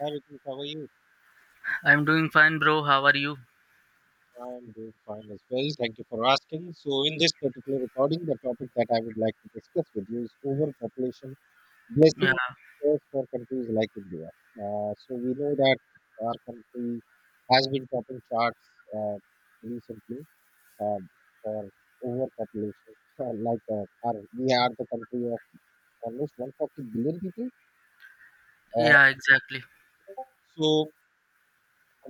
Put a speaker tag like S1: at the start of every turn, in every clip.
S1: Hi, Ritesh, how are you?
S2: I'm doing fine, bro. How are you?
S1: I'm doing fine as well. Thank you for asking. So, in this particular recording, the topic that I would like to discuss with you is overpopulation
S2: Yeah,
S1: blessing curse for countries like India. So we know that our country has been topping charts uh, recently uh, for overpopulation. We are the country of almost 140 billion people. Uh,
S2: yeah, exactly.
S1: so,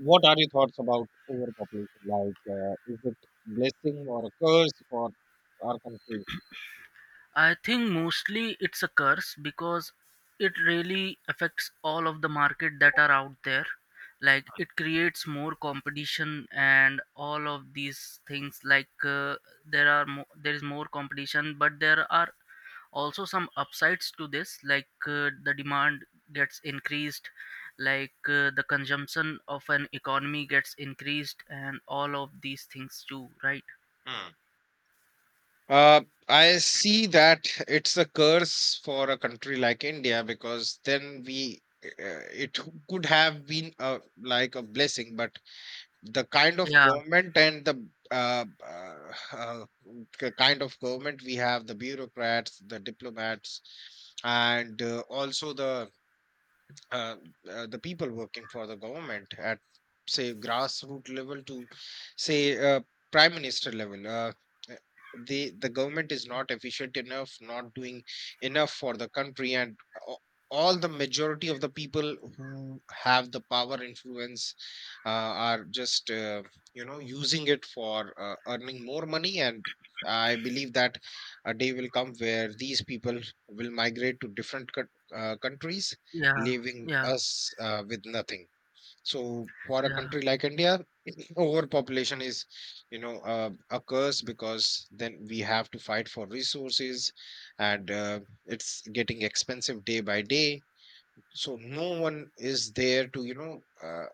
S1: what are your thoughts about overpopulation? Like, is it blessing or a curse for our country?
S2: I think mostly it's a curse because it really affects all of the market that are out there. Like it creates more competition and all of these things. There are there is more competition, but there are also some upsides to this. The demand gets increased, the consumption of an economy gets increased, and all of these things too, right?
S1: Hmm. Uh, I see that it's a curse for a country like India because then we it could have been like a blessing, but the kind of
S2: Yeah,
S1: government and the kind of government we have, the bureaucrats, the diplomats, and also uh, the people working for the government at say grassroots level to say uh, prime minister level. Uh, the government is not efficient enough, not doing enough for the country, and a- all the majority of the people who have the power influence are just using it for earning more money. And I believe that a day will come where these people will migrate to different countries,
S2: yeah,
S1: leaving
S2: yeah,
S1: us with nothing. So for a
S2: yeah,
S1: country like India, overpopulation is, a curse, because then we have to fight for resources, and it's getting expensive day by day. So no one is there to,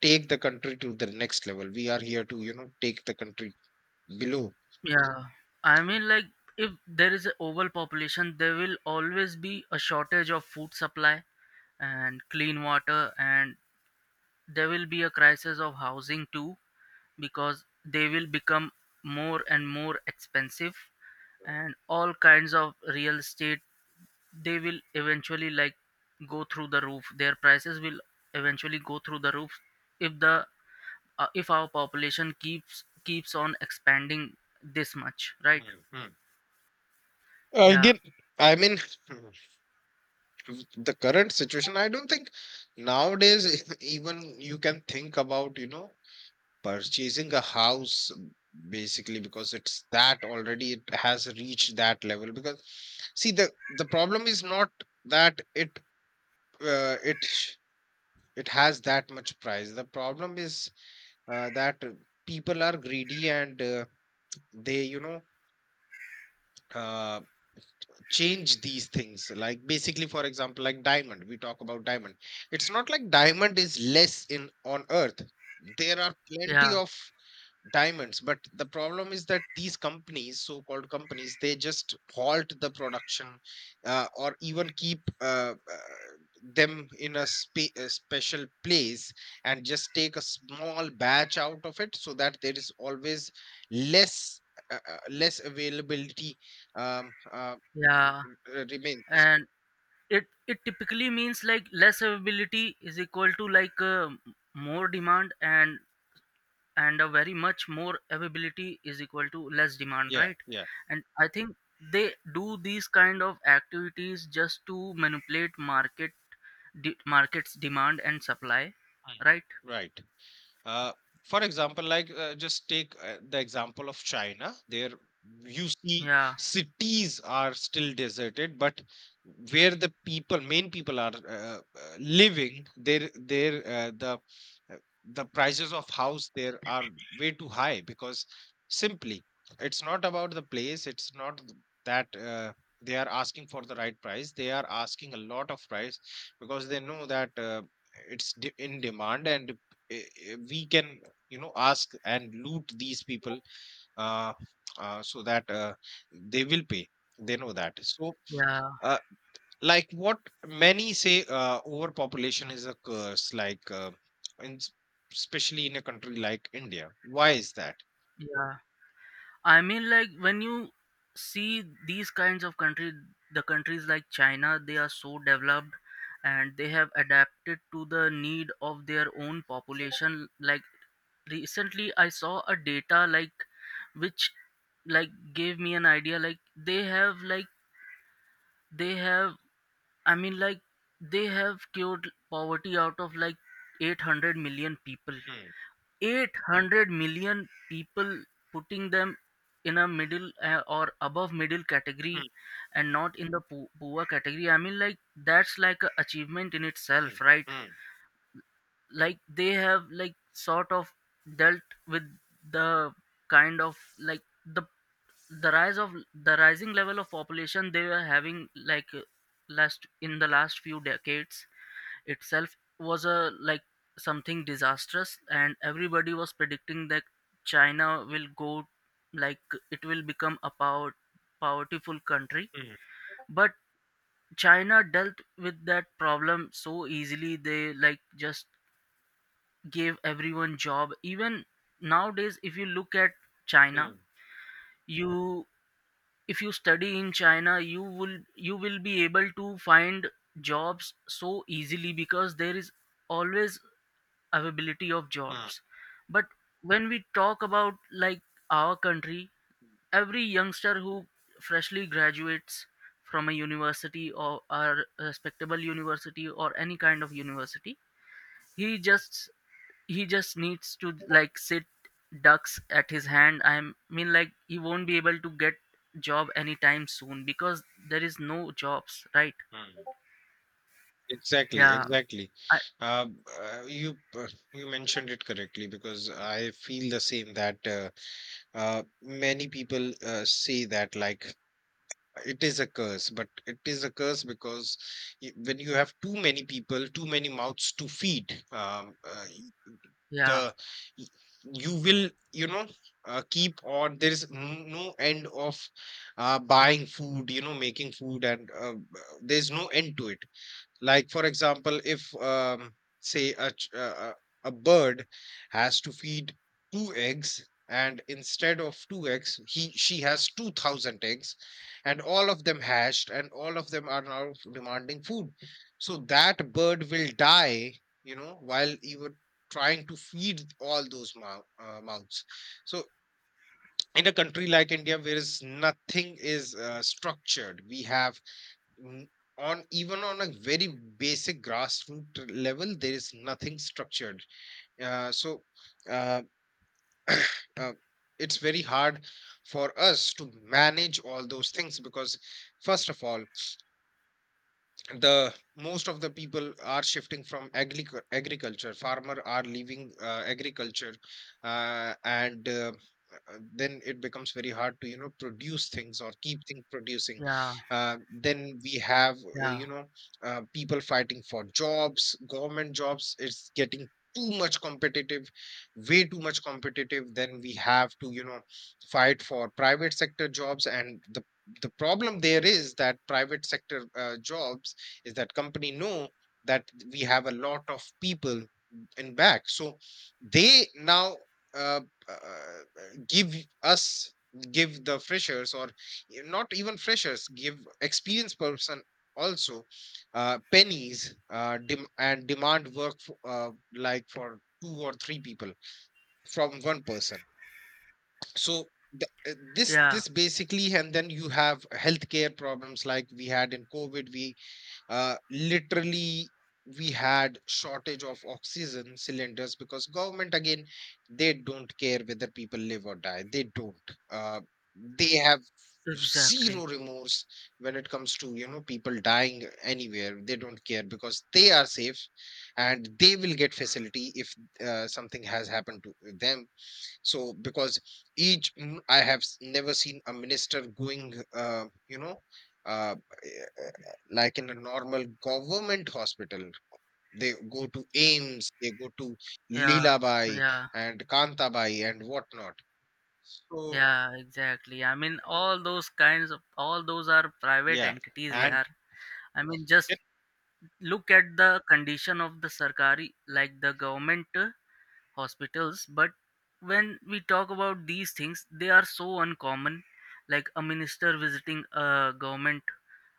S1: take the country to the next level. We are here to, you know, take the country below.
S2: yeah. I mean, like, if there is an overpopulation, there will always be a shortage of food supply and clean water, and there will be a crisis of housing too, because they will become more and more expensive, and all kinds of real estate, they will eventually like go through the roof. Their prices will eventually go through the roof if the if our population keeps on expanding this much, right?
S1: Mhm.
S2: Yeah,
S1: Again, I mean. The current situation, I don't think nowadays even you can think about, you know, purchasing a house, basically, because it's that, already it has reached that level. Because see, the problem is not that uh, it sh- it has that much price. The problem is that people are greedy, and they, you know, uh, change these things. Like, basically, for example, like diamond, we talk about diamond. It's not like diamond is less in on earth. There are plenty
S2: yeah,
S1: of diamonds, but the problem is that these companies, so called companies, they just halt the production, or even keep them in a, a special place, and just take a small batch out of it so that there is always less, less availability um, uh,
S2: yeah.
S1: remains.
S2: And it typically means like less availability is equal to more demand, and a very much more availability is equal to less demand,
S1: Yeah,
S2: right?
S1: yeah.
S2: And I think they do these kind of activities just to manipulate markets demand and supply, right?
S1: Mm. Right. Uh, for example, like, just take the example of China. There you see
S2: Yeah,
S1: cities are still deserted, but where the people, main people are living, there uh, the prices of house there are way too high, because simply it's not about the place. It's not th- that They are asking for the right price. They are asking a lot of price because they know that. In demand, and we can, you know, ask and loot these people, uh, so that they will pay. They know that. So
S2: yeah,
S1: uh, like, what many say, overpopulation is a curse, like, in, s- especially in a country like India. Why is that?
S2: yeah. I mean, like when you see these kinds of country, the countries like China, they are so developed and they have adapted to the need of their own population. Like recently, I saw a data like which like gave me an idea. Like they have like they have. I mean, like they have cured poverty out of like 800 million people,
S1: Hmm,
S2: 800 million people, putting them in a middle or above middle category,
S1: hmm,
S2: and not in the poor category. I mean, like that's like a achievement in itself,
S1: hmm,
S2: right?
S1: hmm,
S2: Like they have like sort of dealt with the kind of like the rise of the rising level of population they were having last in the last few decades itself was a like something disastrous, and everybody was predicting that china will go like it will become a powerful country.
S1: hmm,
S2: But china dealt with that problem so easily. They like just gave everyone job. Even nowadays, if you look at china,
S1: hmm,
S2: you if you study in china you will be able to find jobs so easily because there is always availability of
S1: hmm,
S2: jobs. But when we talk about like our country, every youngster who freshly graduates from a university or a respectable university or any kind of university, he just he just needs to like sit ducks at his hand. I mean like he won't be able to get job anytime soon because there is no jobs, right?
S1: hmm. Exactly,
S2: Yeah,
S1: exactly.
S2: I,
S1: uh, uh, you uh, you mentioned it correctly, because I feel the same that, many people say that, like, it is a curse. But it is a curse because, when you have too many people, too many mouths to feed,
S2: yeah,
S1: the y- you will, you know, keep on, there is no end of buying food, you know, making food. And there's no end to it. Like, for example, if, say, a, ch- a bird has to feed two eggs, and instead of two eggs, he, she has 2,000 eggs, and all of them hashed, and all of them are now demanding food. So that bird will die, you know, while you were trying to feed all those mouths. So in a country like India, where is nothing is structured, we have Mm, on, even on a very basic grassroots level, there is nothing structured. uh, so uh, uh, it's very hard for us to manage all those things, because first of all, the most of the people are shifting from agriculture, farmer are leaving agriculture, and then it becomes very hard to, you know, produce things or keep things producing.
S2: yeah,
S1: Then we have, uh,
S2: yeah,
S1: you know people fighting for jobs, government jobs. It's getting too much competitive, way too much competitive. Then we have to, you know, fight for private sector jobs, and the problem there is that private sector jobs, is that company know that we have a lot of people in back, so they now uh, uh, give us give the freshers or not even freshers, give experienced person also pennies, dem- and demand work for, like, for two or three people from one person. So the, this
S2: yeah,
S1: this basically. And then you have healthcare problems, like we had in COVID. We literally, we had shortage of oxygen cylinders, because government again, they don't care whether people live or die. They don't they have
S2: exactly.
S1: zero remorse when it comes to, you know, people dying anywhere. They don't care, because they are safe, and they will get facility if something has happened to them. So because I have never seen a minister going, uh, like, in a normal government hospital. They go to AIMS, they go to
S2: Yeah,
S1: Lilabai
S2: yeah,
S1: and Kantabai and whatnot. So,
S2: yeah, exactly. I mean, all those kinds of all those are private
S1: yeah.
S2: entities,
S1: And
S2: yeah. I mean, just
S1: then,
S2: look at the condition of the Sarkari, like the government hospitals. But when we talk about these things, they are so uncommon. Like a minister visiting a government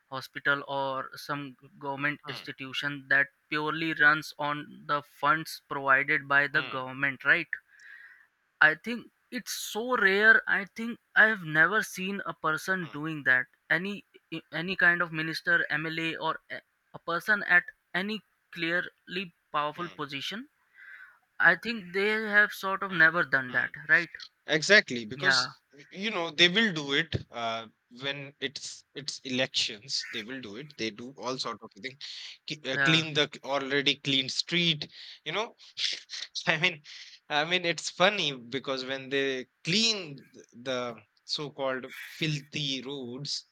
S2: hospital or some government
S1: hmm,
S2: institution that purely runs on the funds provided by the
S1: hmm,
S2: government, right? I think it's so rare. I think I have never seen a person
S1: hmm,
S2: doing that. Any kind of minister, MLA, a person at any clearly powerful
S1: hmm,
S2: position. I think they have sort of
S1: hmm,
S2: never done
S1: hmm.
S2: that, right?
S1: Exactly,
S2: Yeah,
S1: because, you know, they will do it when it's elections. They will do it. They do all sort of thing,
S2: yeah,
S1: clean the already clean street. You know, I mean, I mean it's funny, because when they clean the so-called filthy roads,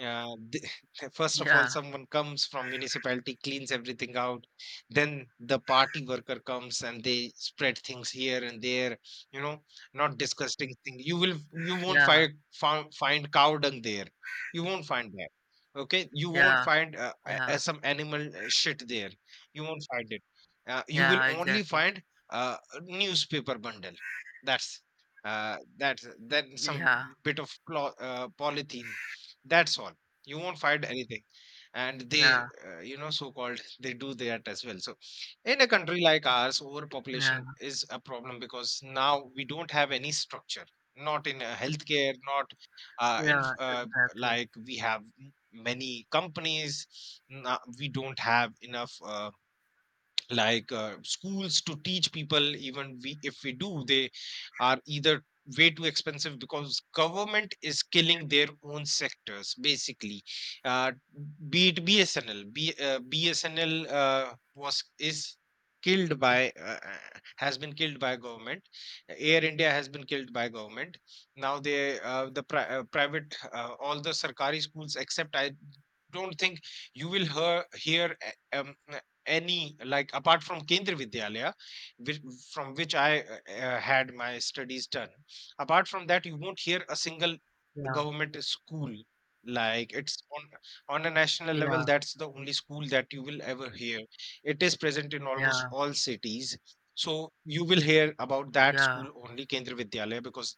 S1: uh, th- first of all,
S2: yeah,
S1: someone comes from municipality, cleans everything out. Then the party worker comes, and they spread things here and there, you know. Not disgusting thing. You will you won't
S2: yeah,
S1: find cow dung there. You won't find that. Okay, you won't
S2: yeah,
S1: find
S2: yeah,
S1: some animal shit there. You won't find it. You will
S2: yeah.
S1: only
S2: Exactly.
S1: find a newspaper bundle, that's that. Then some
S2: Yeah,
S1: bit of cloth, polythene, that's all. You won't find anything. And they
S2: yeah,
S1: you know, so called they do that as well. So, in a country like ours,
S2: yeah,
S1: overpopulation is a problem, because now we don't have any structure, not in healthcare, not in
S2: yeah. Exactly.
S1: like, we have many companies. We don't have enough. Like, schools to teach people. Even we, if we do, they are either way too expensive, because government is killing their own sectors, basically. uh, be it BSNL. BSNL was is killed by has been killed by government. Air India has been killed by government. Now they private, all the sarkari schools, except, I don't think you will hear a- um, any, like, apart from Kendriya Vidyalaya, which, from which I had my studies done. Apart from that, you won't hear a single
S2: Yeah,
S1: government school. Like, it's on a national level,
S2: yeah,
S1: that's the only school that you will ever hear. It is present in almost
S2: yeah,
S1: all cities. So you will hear about that
S2: yeah,
S1: school only, Kendriya Vidyalaya, because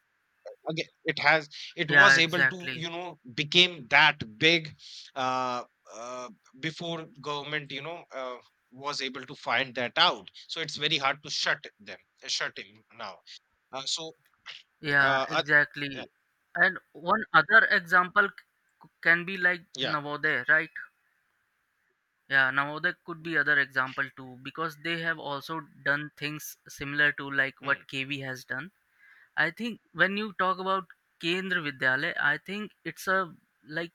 S1: again it has, it
S2: yeah.
S1: was able to,
S2: Exactly.
S1: you know, became that big uh, uh, before government, you know, was able to find that out. So it's very hard to shut them, shut him now. uh, so
S2: Yeah,
S1: uh, uh, yeah.
S2: exactly. And one other example can be like
S1: Yeah,
S2: Navodaya, right? Yeah, Navodaya could be other example too because they have also done things similar to like
S1: mm,
S2: what KV has done. I think when you talk about Kendra Vidyalaya, I think it's a like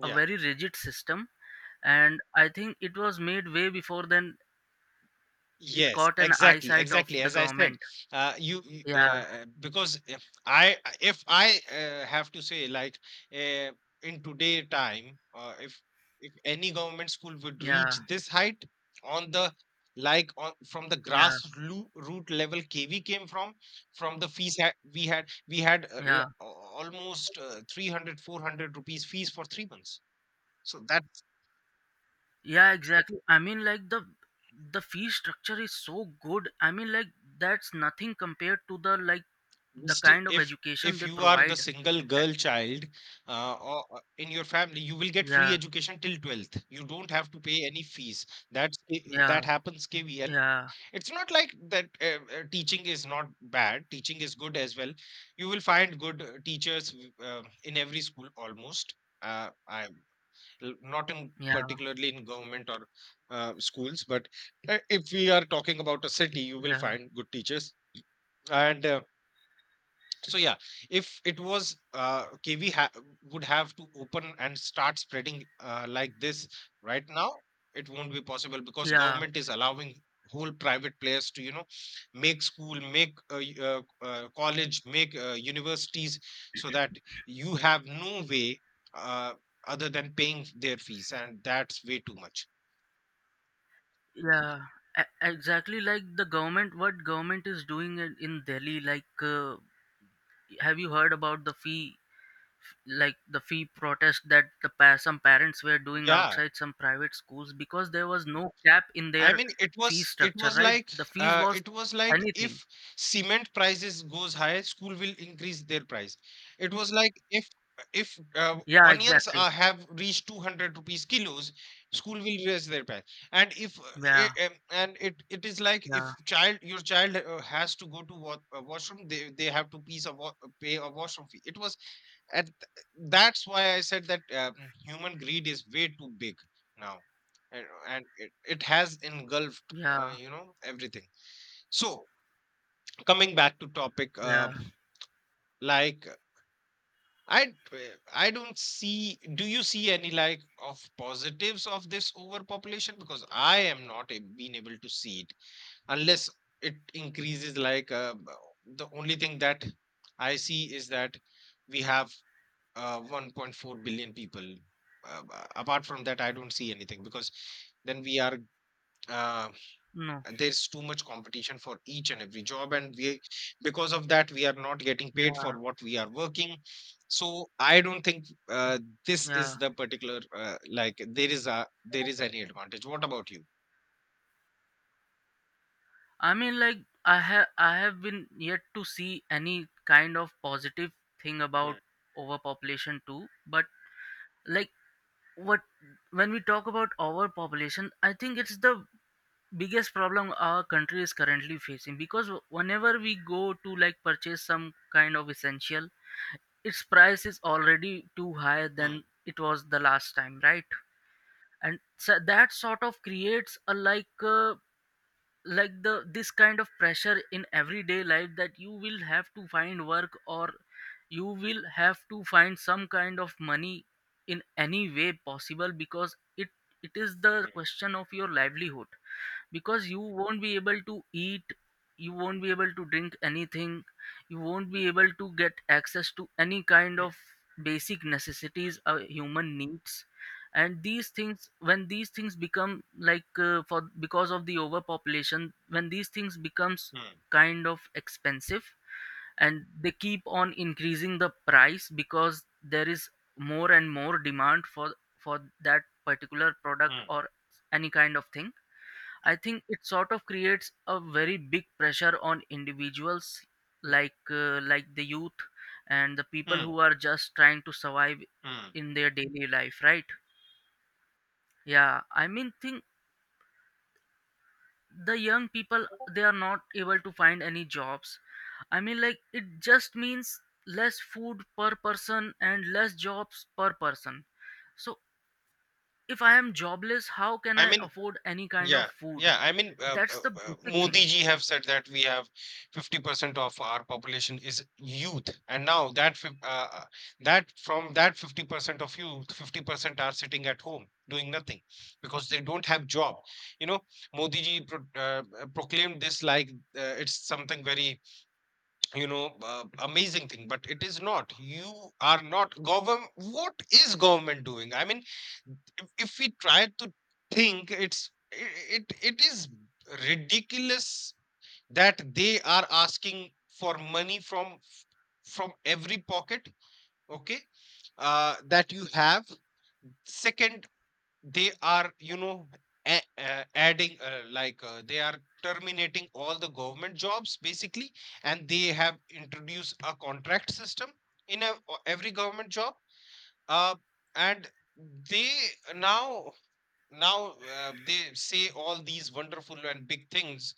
S2: a very rigid system, and I think it was made way before then it
S1: Yes,
S2: caught an
S1: exactly,
S2: eyesight of
S1: exactly.
S2: the
S1: As I said,
S2: government. Yeah,
S1: because if I have to say, like, uh, in today time, if any government school would
S2: yeah,
S1: reach this height on the, like, on from the
S2: yeah,
S1: root level. KV came from the fees, ha, we had, we had uh,
S2: yeah.
S1: l- almost 300 rupees fees for 3 months. So that.
S2: Yeah, exactly. I mean, like the fee structure is so good. I mean, like that's nothing compared to the like the
S1: Still,
S2: kind of education
S1: if
S2: they
S1: you are the
S2: provide.
S1: single
S2: Uh,
S1: girl child or in your family, you will get free
S2: Yeah,
S1: education till 12th. You don't have to pay any fees. That's
S2: yeah,
S1: that happens KVL.
S2: yeah,
S1: It's not like that. Teaching is not bad. Teaching is good as well. You will find good teachers in every school almost. Uh, I Not in
S2: yeah,
S1: particularly in government or schools, but if we are talking about a city, you will
S2: yeah,
S1: find good teachers and. So, if it was KV would have to open and start spreading like this right now, it won't be possible because
S2: yeah,
S1: government is allowing whole private players to make school, make college, make universities, so that you have no way uh, other than paying their fees, and that's way too much.
S2: yeah. Exactly like the government, what government is doing in Delhi. Like, have you heard about the fee? Like the fee protest that the some parents were doing
S1: Yeah.
S2: outside some private schools because there was no cap in
S1: I
S2: their
S1: mean, it
S2: fee
S1: was it
S2: structure,
S1: was
S2: right?
S1: like
S2: The fees was
S1: it was like
S2: anything.
S1: if cement prices goes high, school will increase their price. It was like if
S2: Yeah,
S1: onions
S2: exactly.
S1: have reached 200 rupees kilos, school will raise their price. And if
S2: Yeah,
S1: and it is like
S2: yeah,
S1: if child your child has to go to washroom, they have to pay a washroom fee. It was and th- That's why I said that human greed is way too big now, and it has engulfed,
S2: yeah,
S1: everything. So coming back to topic,
S2: yeah,
S1: like I, I don't see. Do you see any like of positives of this overpopulation? Because I am not being able to see it unless it increases. Like the only thing that I see is that we have 1.4 billion people. Apart from that, I don't see anything because then we are uh,
S2: no,
S1: there's too much competition for each and every job, and we because of that we are not getting paid
S2: yeah,
S1: for what we are working. So I don't think this is
S2: yeah.
S1: the particular like there is any advantage. What about you?
S2: I mean, like I have been yet to see any kind of positive thing about
S1: Hmm,
S2: overpopulation too, but like what when we talk about overpopulation, I think it's the biggest problem our country is currently facing because whenever we go to like purchase some kind of essential, its price is already too high
S1: hmm,
S2: than it was the last time, right? And so that sort of creates a like the this kind of pressure in everyday life that you will have to find work, or you will have to find some kind of money in any way possible, because it is the
S1: hmm,
S2: question of your livelihood, because you won't be able to eat, you won't be able to drink anything, you won't be able to get access to any kind
S1: hmm,
S2: of basic necessities a human needs. And these things, when these things become like for because of the overpopulation, when these things becomes
S1: hmm,
S2: kind of expensive, and they keep on increasing the price because there is more and more demand for that particular
S1: hmm,
S2: product
S1: hmm,
S2: or any kind of thing, I think it sort of creates a very big pressure on individuals, like the youth and the
S1: hmm,
S2: people
S1: hmm,
S2: who are just trying to survive
S1: hmm.
S2: in their daily life, right? Yeah, I mean, think the young people, they are not able to find any jobs. I mean, like it just means less food per person and less jobs per person. So if I am jobless, how can
S1: I
S2: I
S1: mean,
S2: afford any kind
S1: Yeah,
S2: of food?
S1: yeah. I mean,
S2: That's the basic thing.
S1: Modi ji have said that we have 50% of our population is youth, and now that from that 50% of youth, 50% are sitting at home doing nothing because they don't have job. You know, Modi ji proclaimed this like it's something very amazing thing, but it is not. You are not government. What is government doing? I mean, if we try to think, it's it is ridiculous that they are asking for money from every pocket. Okay, that you have. Second, they are, you know, adding they are terminating all the government jobs basically, and they have introduced a contract system in every government job. Uh, and they now Now they say all these wonderful and big things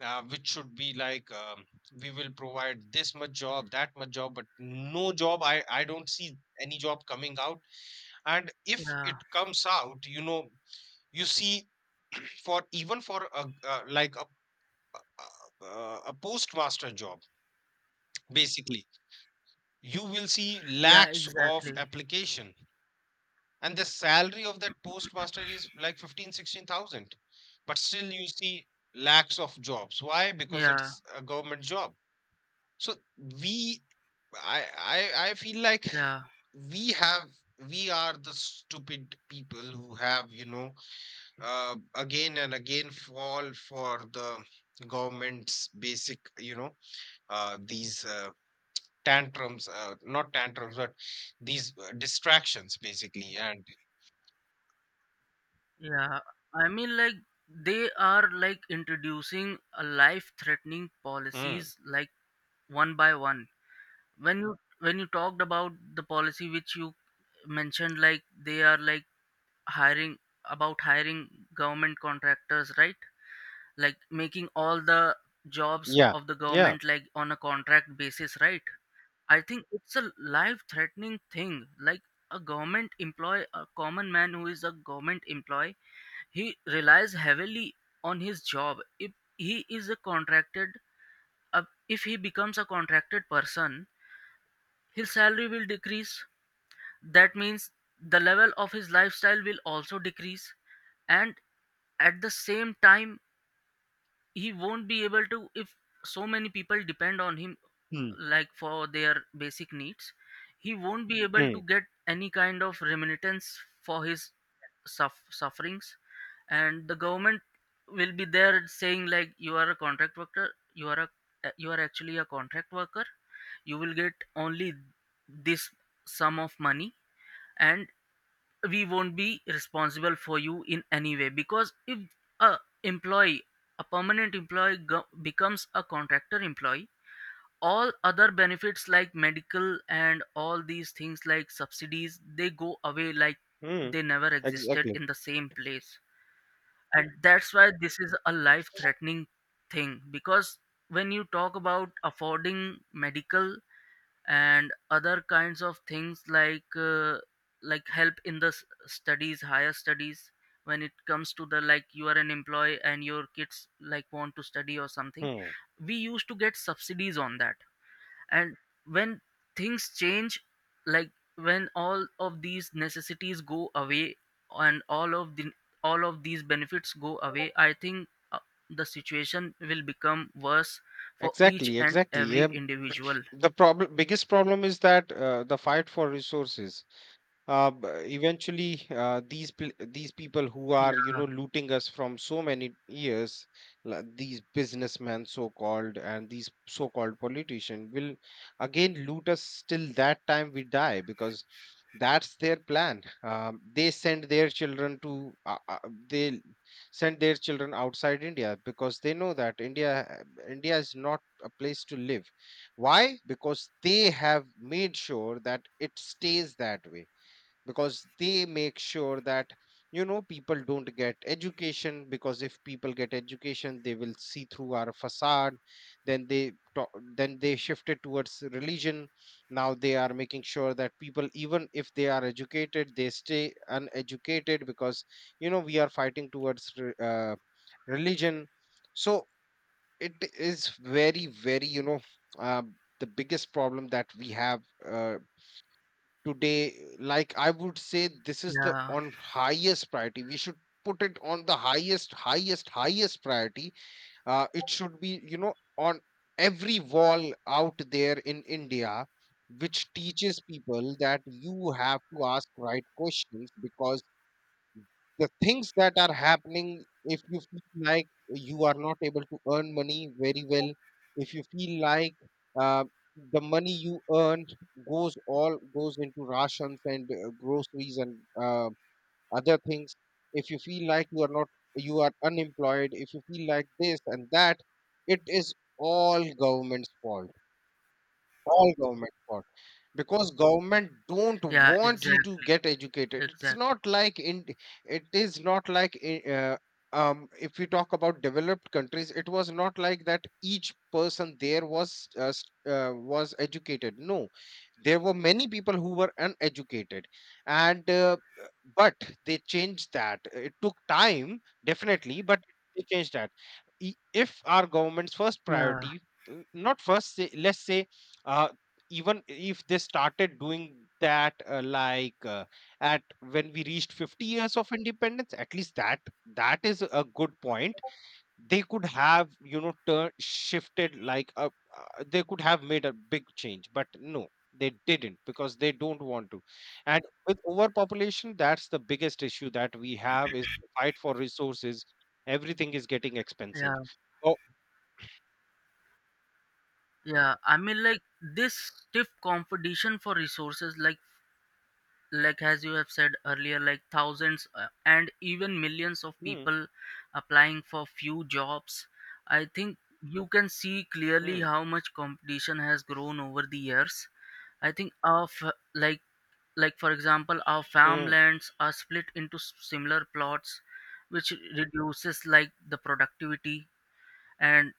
S1: which should be like, we will provide this much job, that much job, but no job. I don't see any job coming out, and if
S2: Yeah.
S1: it comes out, you know, you see, for even for a, like a postmaster job, basically, you will see
S2: Yeah,
S1: lakhs of
S2: exactly.
S1: application, and the salary of that postmaster is like 15 sixteen thousand. But still, you see lakhs of jobs. Why? Because
S2: Yeah,
S1: it's a government job. So we, I feel like
S2: yeah,
S1: we have, we are the stupid people who have, you know, again and again fall for the government's basic, you know, these tantrums, not tantrums, but these distractions basically. And
S2: yeah. I mean, like, they are like introducing a life-threatening
S1: mm,
S2: policies like one by one. When you talked about the policy which you mentioned, like they are like hiring about hiring government contractors, right? Like making all the jobs
S1: yeah,
S2: of the
S1: yeah.
S2: government like on a contract basis, right? I think it's a life-threatening thing. Like a government employee, a common man who is a government employee, he relies heavily on his job. If he is a uh, if he becomes a contracted person, his salary will decrease. That means the level of his lifestyle will also decrease, and at the same time he won't be able to, if so many people depend on him
S1: Hmm.
S2: like for their basic needs, he won't be able
S1: Hmm.
S2: to get any kind of remittance for his sufferings. And the government will be there saying like you are a contract worker, you are a you are actually a contract worker, you will get only this sum of money, and we won't be responsible for you in any way, because if a employee, a permanent employee becomes a contractor employee, all other benefits like medical and all these things like subsidies, they go away like
S1: Hmm.
S2: they never existed
S1: Exactly.
S2: in the same place. And that's why this is a life threatening thing, because when you talk about affording medical and other kinds of things, like help in the studies, higher studies, when it comes to the like you are an employee and your kids like want to study or something,
S1: Hmm.
S2: we used to get subsidies on that. And when things change, like when all of these necessities go away, and all of these benefits go away, I think uh, the situation will become worse for each
S1: Exactly.
S2: and
S1: Exactly.
S2: every individual.
S1: The problem, biggest problem, is that the fight for resources. uh, b- Eventually these these people who are, you
S2: Yeah,
S1: know, looting us from so many years, like these businessmen so called and these so called politicians, will again loot us till that time we die, because that's their plan. They send their children to they send their children outside India, because they know that India is not a place to live. Why? Because they have made sure that it stays that way, because they make sure that, you know, people don't get education, because if people get education, they will see through our facade. then they to- then they shifted towards religion. Now they are making sure that people, even if they are educated, they stay uneducated, because, you know, we are fighting towards religion. So it is very very, you know, uh, the biggest problem that we have uh, today. Like I would say this is the
S2: yeah,
S1: on highest priority. We should put it on the highest highest highest priority. It should be, you know, on every wall out there in India, which teaches people that you have to ask right questions. Because the things that are happening, if you feel like you are not able to earn money very well, if you feel like uh, the money you earned goes, all goes into rations and groceries and other things, if you feel like you are unemployed, if you feel like this and that, it is all government's fault, all government's fault, because government don't
S2: yeah,
S1: want you to
S2: exactly,
S1: get educated. It's
S2: exactly.
S1: not like in, it is not like if we talk about developed countries, it was not like that each person there was was educated. No, there were many people who were uneducated, and but they changed that. It took time definitely, but they changed that. I- if our government's first
S2: Yeah,
S1: priority, not first, say, let's say uh, even if they started doing that at when we reached 50 years of independence, at least, that that is a good point. They could have, you know, turn shifted like a, they could have made a big change, but no, they didn't, because they don't want to. And with overpopulation, that's the biggest issue that we have, is the fight for resources. Everything is getting expensive.
S2: yeah,
S1: So,
S2: yeah. I mean, like this stiff competition for resources, like as you have said earlier, like thousands and even millions of
S1: hmm.
S2: people applying for few jobs. I think you can see clearly
S1: Hmm.
S2: how much competition has grown over the years. I think of like like for example our
S1: Hmm.
S2: farmlands are split into similar plots which reduces like the productivity. And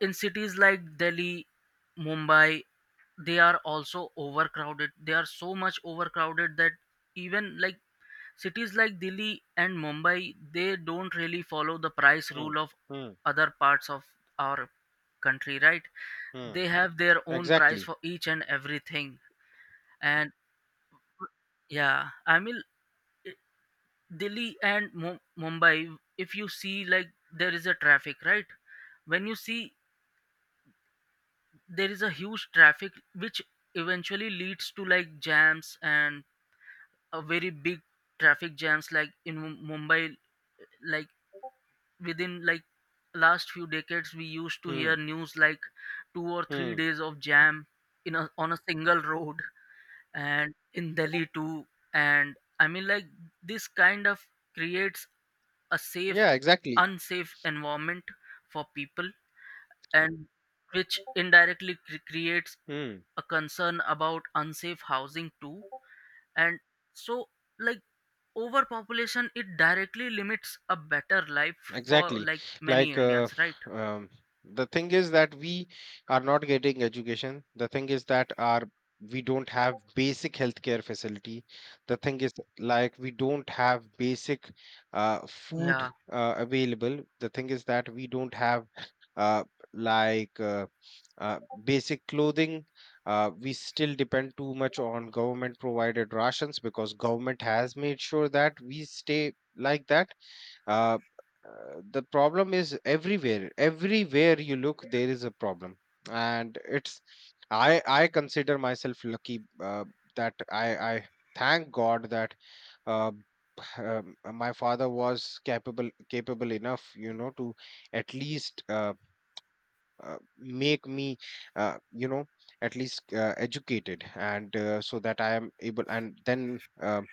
S2: in cities like delhi, mumbai, they are also overcrowded. They are so much overcrowded that even like cities like delhi and mumbai, they don't really follow the price
S1: Hmm.
S2: rule of
S1: Hmm.
S2: other parts of our country, right?
S1: Hmm.
S2: They have their own price
S1: Exactly.
S2: for each and everything. And yeah, I mean, i- delhi and mumbai, if you see like there is a traffic, right? When you see there is a huge traffic which eventually leads to like jams, and a very big traffic jams like in mumbai, like within like last few decades we used to hear
S1: Hmm.
S2: news like two or three
S1: Hmm.
S2: days of jam in a, on a single road, and in delhi too. And I mean like this kind of creates a safe
S1: Yeah, exactly.
S2: unsafe environment for people, and which indirectly creates
S1: Hmm.
S2: a concern about unsafe housing too. And so like overpopulation it directly limits a better life for
S1: Exactly.
S2: like many
S1: Like,
S2: indians, right?
S1: um, the thing is that we are not getting education. The thing is that our we don't have basic healthcare facility. The thing is, like, we don't have basic
S2: Yeah,
S1: food available. The thing is that we don't have uh, like uh, basic clothing. We still depend too much on government provided rations, because government has made sure that we stay like that. uh, the problem is everywhere. Everywhere you look, there is a problem, and it's, I consider myself lucky, that I thank god that uh, my father was capable enough, you know, to at least make me you know, at least educated, and so that I am able. And then um,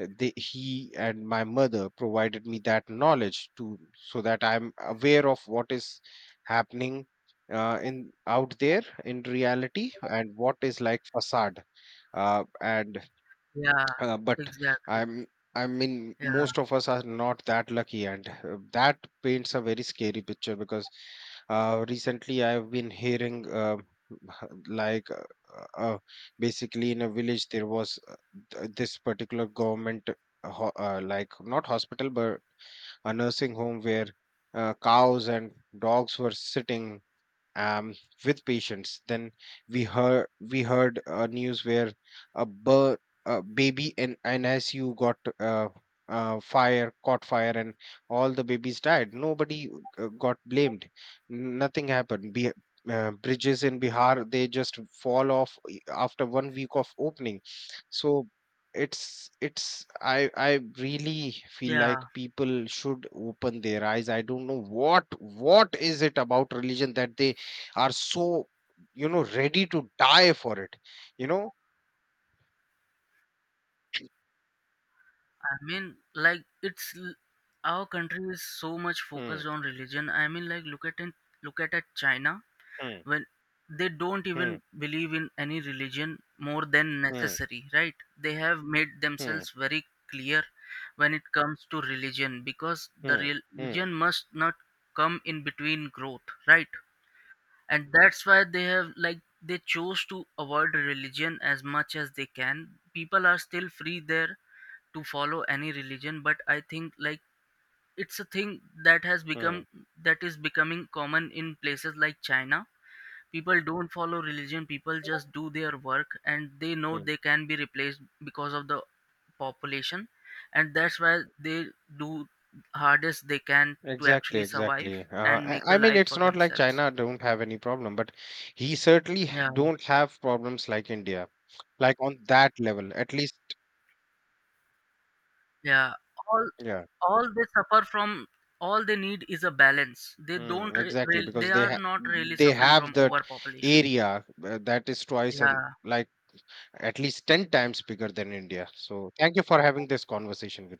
S1: uh, they, he and my mother provided me that knowledge to, so that I'm aware of what is happening in out there in reality, and what is like facade. And
S2: yeah,
S1: But
S2: exactly.
S1: I'm I mean
S2: Yeah,
S1: most of us are not that lucky, and that paints a very scary picture. Because recently I've been hearing, like basically in a village there was this particular government like not hospital but a nursing home, where cows and dogs were sitting um, with patients. Then we heard news where a birth, a baby in an ICU got caught fire, and all the babies died. Nobody got blamed. Nothing happened. Bridges in Bihar, they just fall off after one week of opening. So it's, I really feel
S2: yeah.
S1: like people should open their eyes. I don't know what is it about religion that they are so, you know, ready to die for it, you know?
S2: I mean, like our country is so much
S1: Hmm.
S2: focused on religion. I mean, like look at china,
S1: Hmm.
S2: when they don't even
S1: Hmm.
S2: believe in any religion more than
S1: Hmm.
S2: necessary, right? They have made
S1: Hmm.
S2: themselves very clear when it comes to religion, because the
S1: Hmm. Hmm.
S2: religion must not come in between growth, right? And that's why they have like they chose to avoid religion as much as they can. People are still free there to follow any religion, but I think like it's a thing that has become
S1: Mm,
S2: that is becoming common in places like china. People don't follow religion. People just do their work, and they know
S1: mm.
S2: they can be replaced because of the population. And that's why they do hardest they can to
S1: Exactly,
S2: actually survive
S1: exactly.
S2: and
S1: I,
S2: make a
S1: I mean,
S2: life
S1: it's
S2: for
S1: not like
S2: themselves.
S1: China don't have any problem, but he certainly
S2: Yeah,
S1: don't have problems like India, like on that level, at least.
S2: yeah, all
S1: Yeah,
S2: they suffer from, all they need is a balance. They don't
S1: mm, exactly,
S2: they
S1: because they
S2: are
S1: have
S2: not really
S1: they
S2: suffering
S1: have
S2: from
S1: that
S2: overpopulation.
S1: area that is twice and,
S2: Yeah,
S1: like, at least ten times bigger than India. So thank you for having this conversation with me.